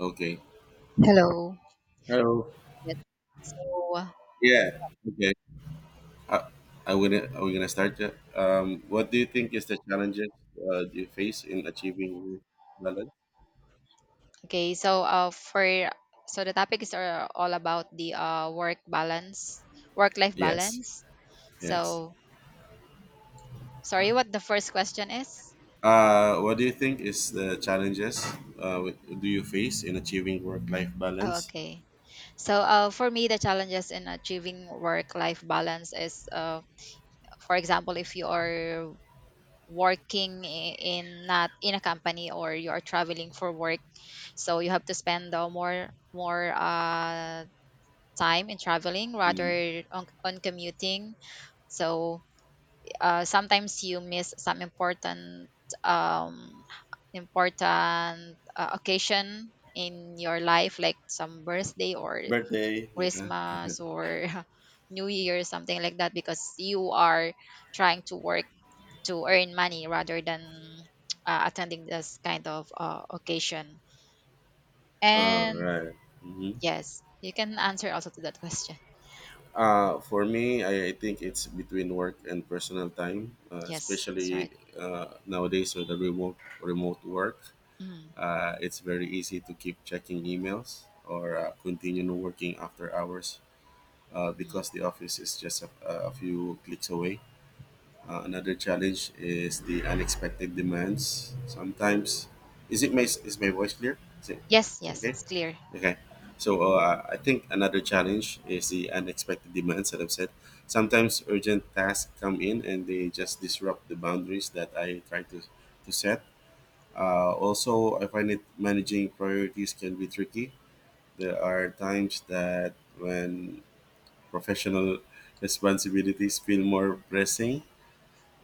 Okay. Hello. Hello. Yes. So, uh, Yeah. Okay. I, I gonna are we gonna start yet? What do you think is the challenges you face in achieving your balance? okay. So the topics are all about the work balance, work life Yes. balance. Yes. So, sorry, what the first question is? What do you think is the challenges do you face in achieving work-life Oh, balance? okay. So, for me, the challenges in achieving work life balance is, for example, if you are working in not in a company or you are traveling for work, so you have to spend more time in traveling Mm. rather on commuting so sometimes you miss some important um, important occasion in your life like some birthday or Birthday. Yeah. Christmas or New Year something like that because you are trying to work to earn money rather than attending this kind of occasion All and right. Mm-hmm. yes you can answer also to that question. For me, I think it's between work and personal time, Yes, that's especially right. Nowadays with the remote work. Mm, It's very easy to keep checking emails or continue working after hours because mm. the office is just a few clicks away. Another challenge is the unexpected demands. Sometimes, is my voice clear? Yes, Is it yes, okay? it's clear. Okay. So I think another challenge is the unexpected demands that I've said. Sometimes urgent tasks come in and they just disrupt the boundaries that I try to set. Also, I find it managing priorities can be tricky. There are times that when professional responsibilities feel more pressing,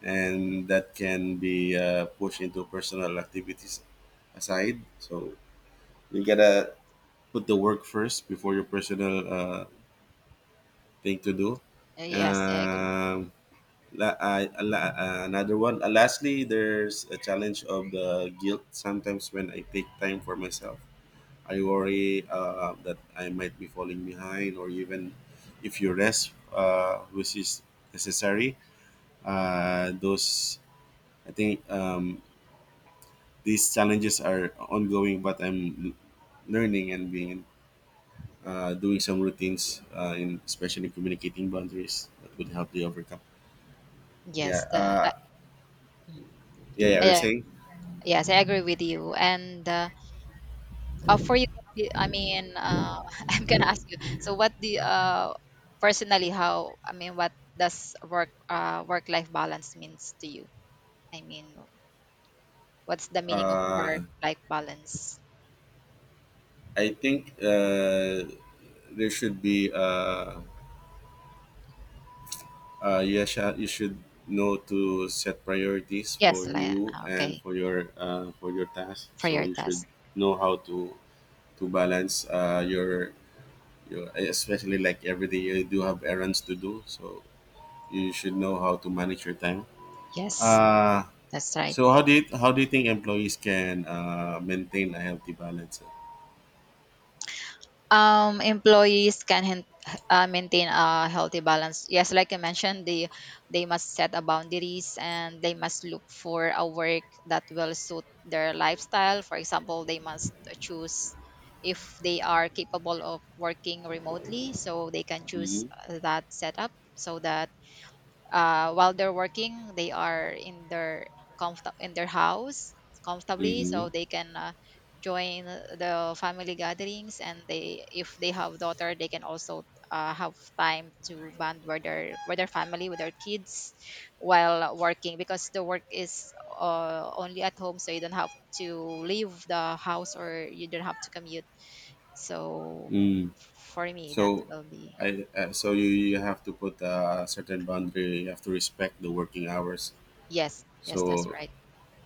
and that can be pushed into personal activities aside. So you gotta put the work first before your personal thing to do. Yes, I agree. Um, another one. Lastly, there's a challenge of the guilt sometimes when I take time for myself I worry that I might be falling behind, or even if you rest, which is necessary. Those I think these challenges are ongoing, but I'm learning and being doing some routines, in especially communicating boundaries that would help you overcome. Yes, Yeah, the, I, mm, yeah, yeah. You're I- saying. yes, I agree with you. And for you, I mean, I'm gonna ask you. So, what the personally, how I mean, what does work life balance means to you? I mean, what's the meaning of Uh, work life balance? I think there should be. You, you should know to set priorities for Yes, like, you and okay, for your task for so your you should test. know how to balance your especially like every day you do have errands to do so you should know how to manage your time Yes, uh, that's right. so how do you think employees can maintain a healthy balance Employees can maintain a healthy balance. Yes, like you mentioned, they must set a boundaries and they must look for a work that will suit their lifestyle. For example, they must choose if they are capable of working remotely, so they can choose mm-hmm. That setup so that while they're working they are in their comfort in their house comfortably Mm-hmm. so they can join the family gatherings and they if they have daughter they can also have time to bond with their family with their kids while working because the work is only at home so you don't have to leave the house or you don't have to commute so Mm. for me that So will be. So you have to put a certain boundary you have to respect the working hours. Yes, yes, that's So right.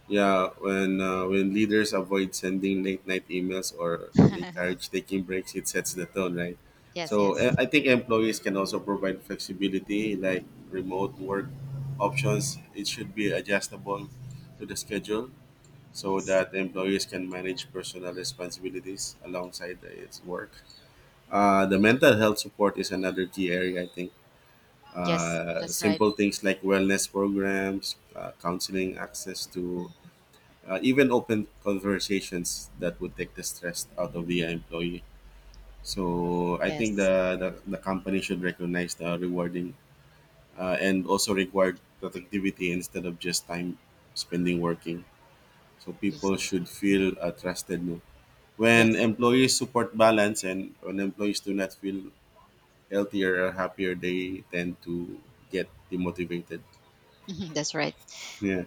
yeah, when leaders avoid sending late night emails or encourage taking breaks, it sets the tone, right? Yes, So yes. I think employees can also provide flexibility, like remote work options. It should be adjustable to the schedule so Yes. that employees can manage personal responsibilities alongside its work. The mental health support is another key area, I think. Yes, that's right. Simple things like wellness programs, counseling, access to Mm. Even open conversations that would take the stress out of the employee. So I think Yes. The company should recognize the rewarding and also reward productivity instead of just time spending working. So Ye- people should feel trusted. No? When Yes. employees support balance and when employees do not feel healthier or happier, they tend to get demotivated. Mhm. That's right. Yeah.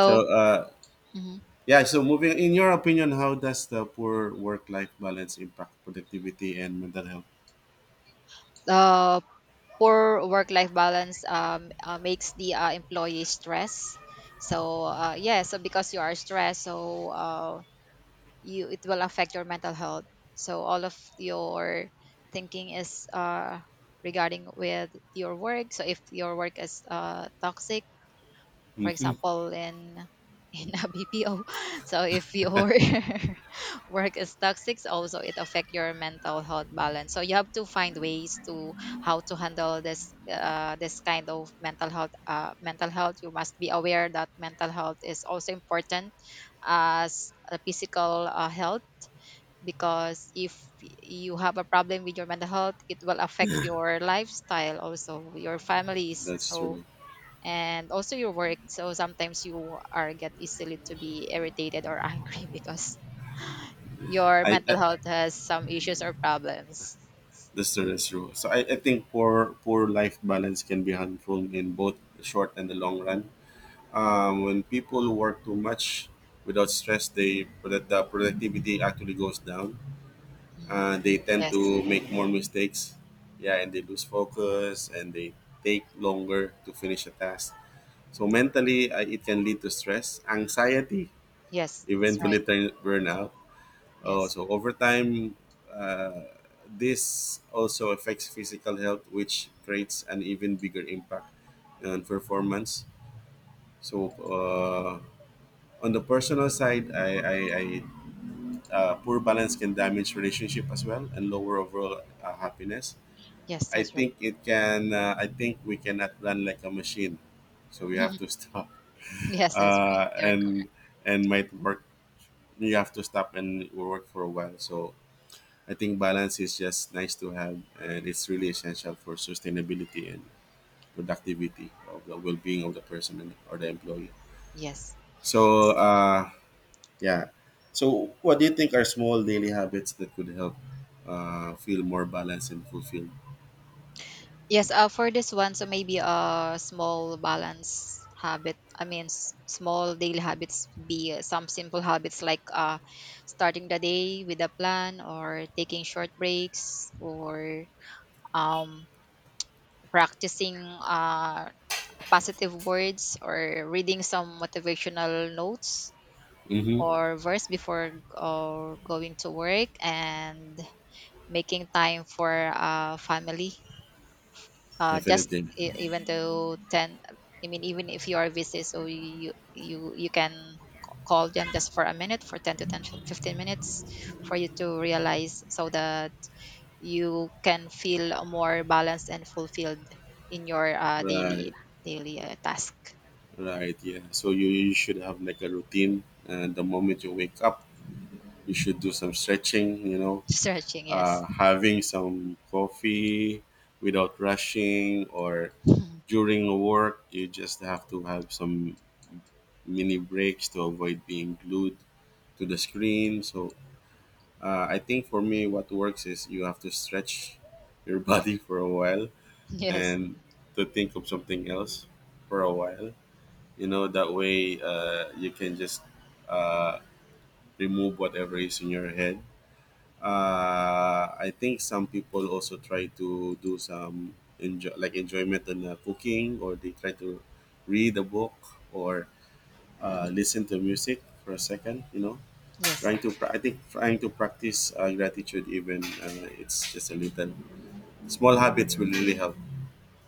So mhm, yeah, so moving in your opinion, how does the poor work life balance impact productivity and mental health? uh, poor work-life balance makes the employee stress. So, yeah, so because you are stressed, so you it will affect your mental health. So all of your thinking is regarding with your work. So if your work is toxic, for Mm. example in in a BPO. So if your work is toxic, so also it affect your mental health balance. So you have to find ways to how to handle this kind of mental health mental health. You must be aware that mental health is also important as a physical health because if you have a problem with your mental health it will affect your lifestyle also your families That's so true. and also your work. So sometimes you are get easily to be irritated or angry because your mental I health has some issues or problems. that's true, that's true. So I think poor life balance can be harmful in both the short and the long run. When people work too much without stress, the productivity actually goes down. Mm. They tend Yes, to make more mistakes. Yeah, and they lose focus and they take longer to finish a task. So mentally, it can lead to stress, anxiety, yes, that's right. eventually turn burnout. Oh, Yes, so over time, uh, this also affects physical health, which creates an even bigger impact on performance. So on the personal side, I poor balance can damage relationship as well and lower overall happiness. yes, I that's right. think it can. I think we cannot run like a machine, so we have to stop Yes, that's right. uh, You're correct. and might work. You have to stop and work for a while. So I think balance is just nice to have, and it's really essential for sustainability and productivity of the well-being of the person and, or the employee. Yes. So yeah. So what do you think are small daily habits that could help feel more balanced and fulfilled? Yes, for this one, so maybe a small balance habit. I mean, small daily habits be some simple habits like starting the day with a plan or taking short breaks or um, practicing positive words or reading some motivational notes Mm-hmm. or verse before going to work and making time for family just Definitely. Even though 10, I mean, even if you are busy, so you you can call them just for a minute, for 10 to 10 15 minutes for you to realize so the you can feel more balanced and fulfilled in your daily Right. daily task. Right. Yeah. So you should have like a routine, and the moment you wake up, you should do some stretching, you know, Stretching, yes. having some coffee without rushing or Mhm. during work, you just have to have some mini breaks to avoid being glued to the screen. So I think for me, what works is you have to stretch your body for a while Yes, and to think of something else for a while. You know, that way you can just uh, remove whatever is in your head. I think some people also try to do some enjoy like enjoyment in cooking, or they try to read a book or listen to music for a second. You know, yes, I think trying to practice gratitude even it's just a little small habits will really help.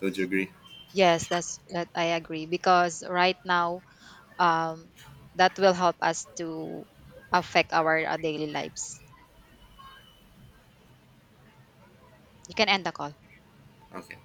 Don't you agree? yes, that I agree because right now um that will help us to affect our daily lives. You can end the call. Okay.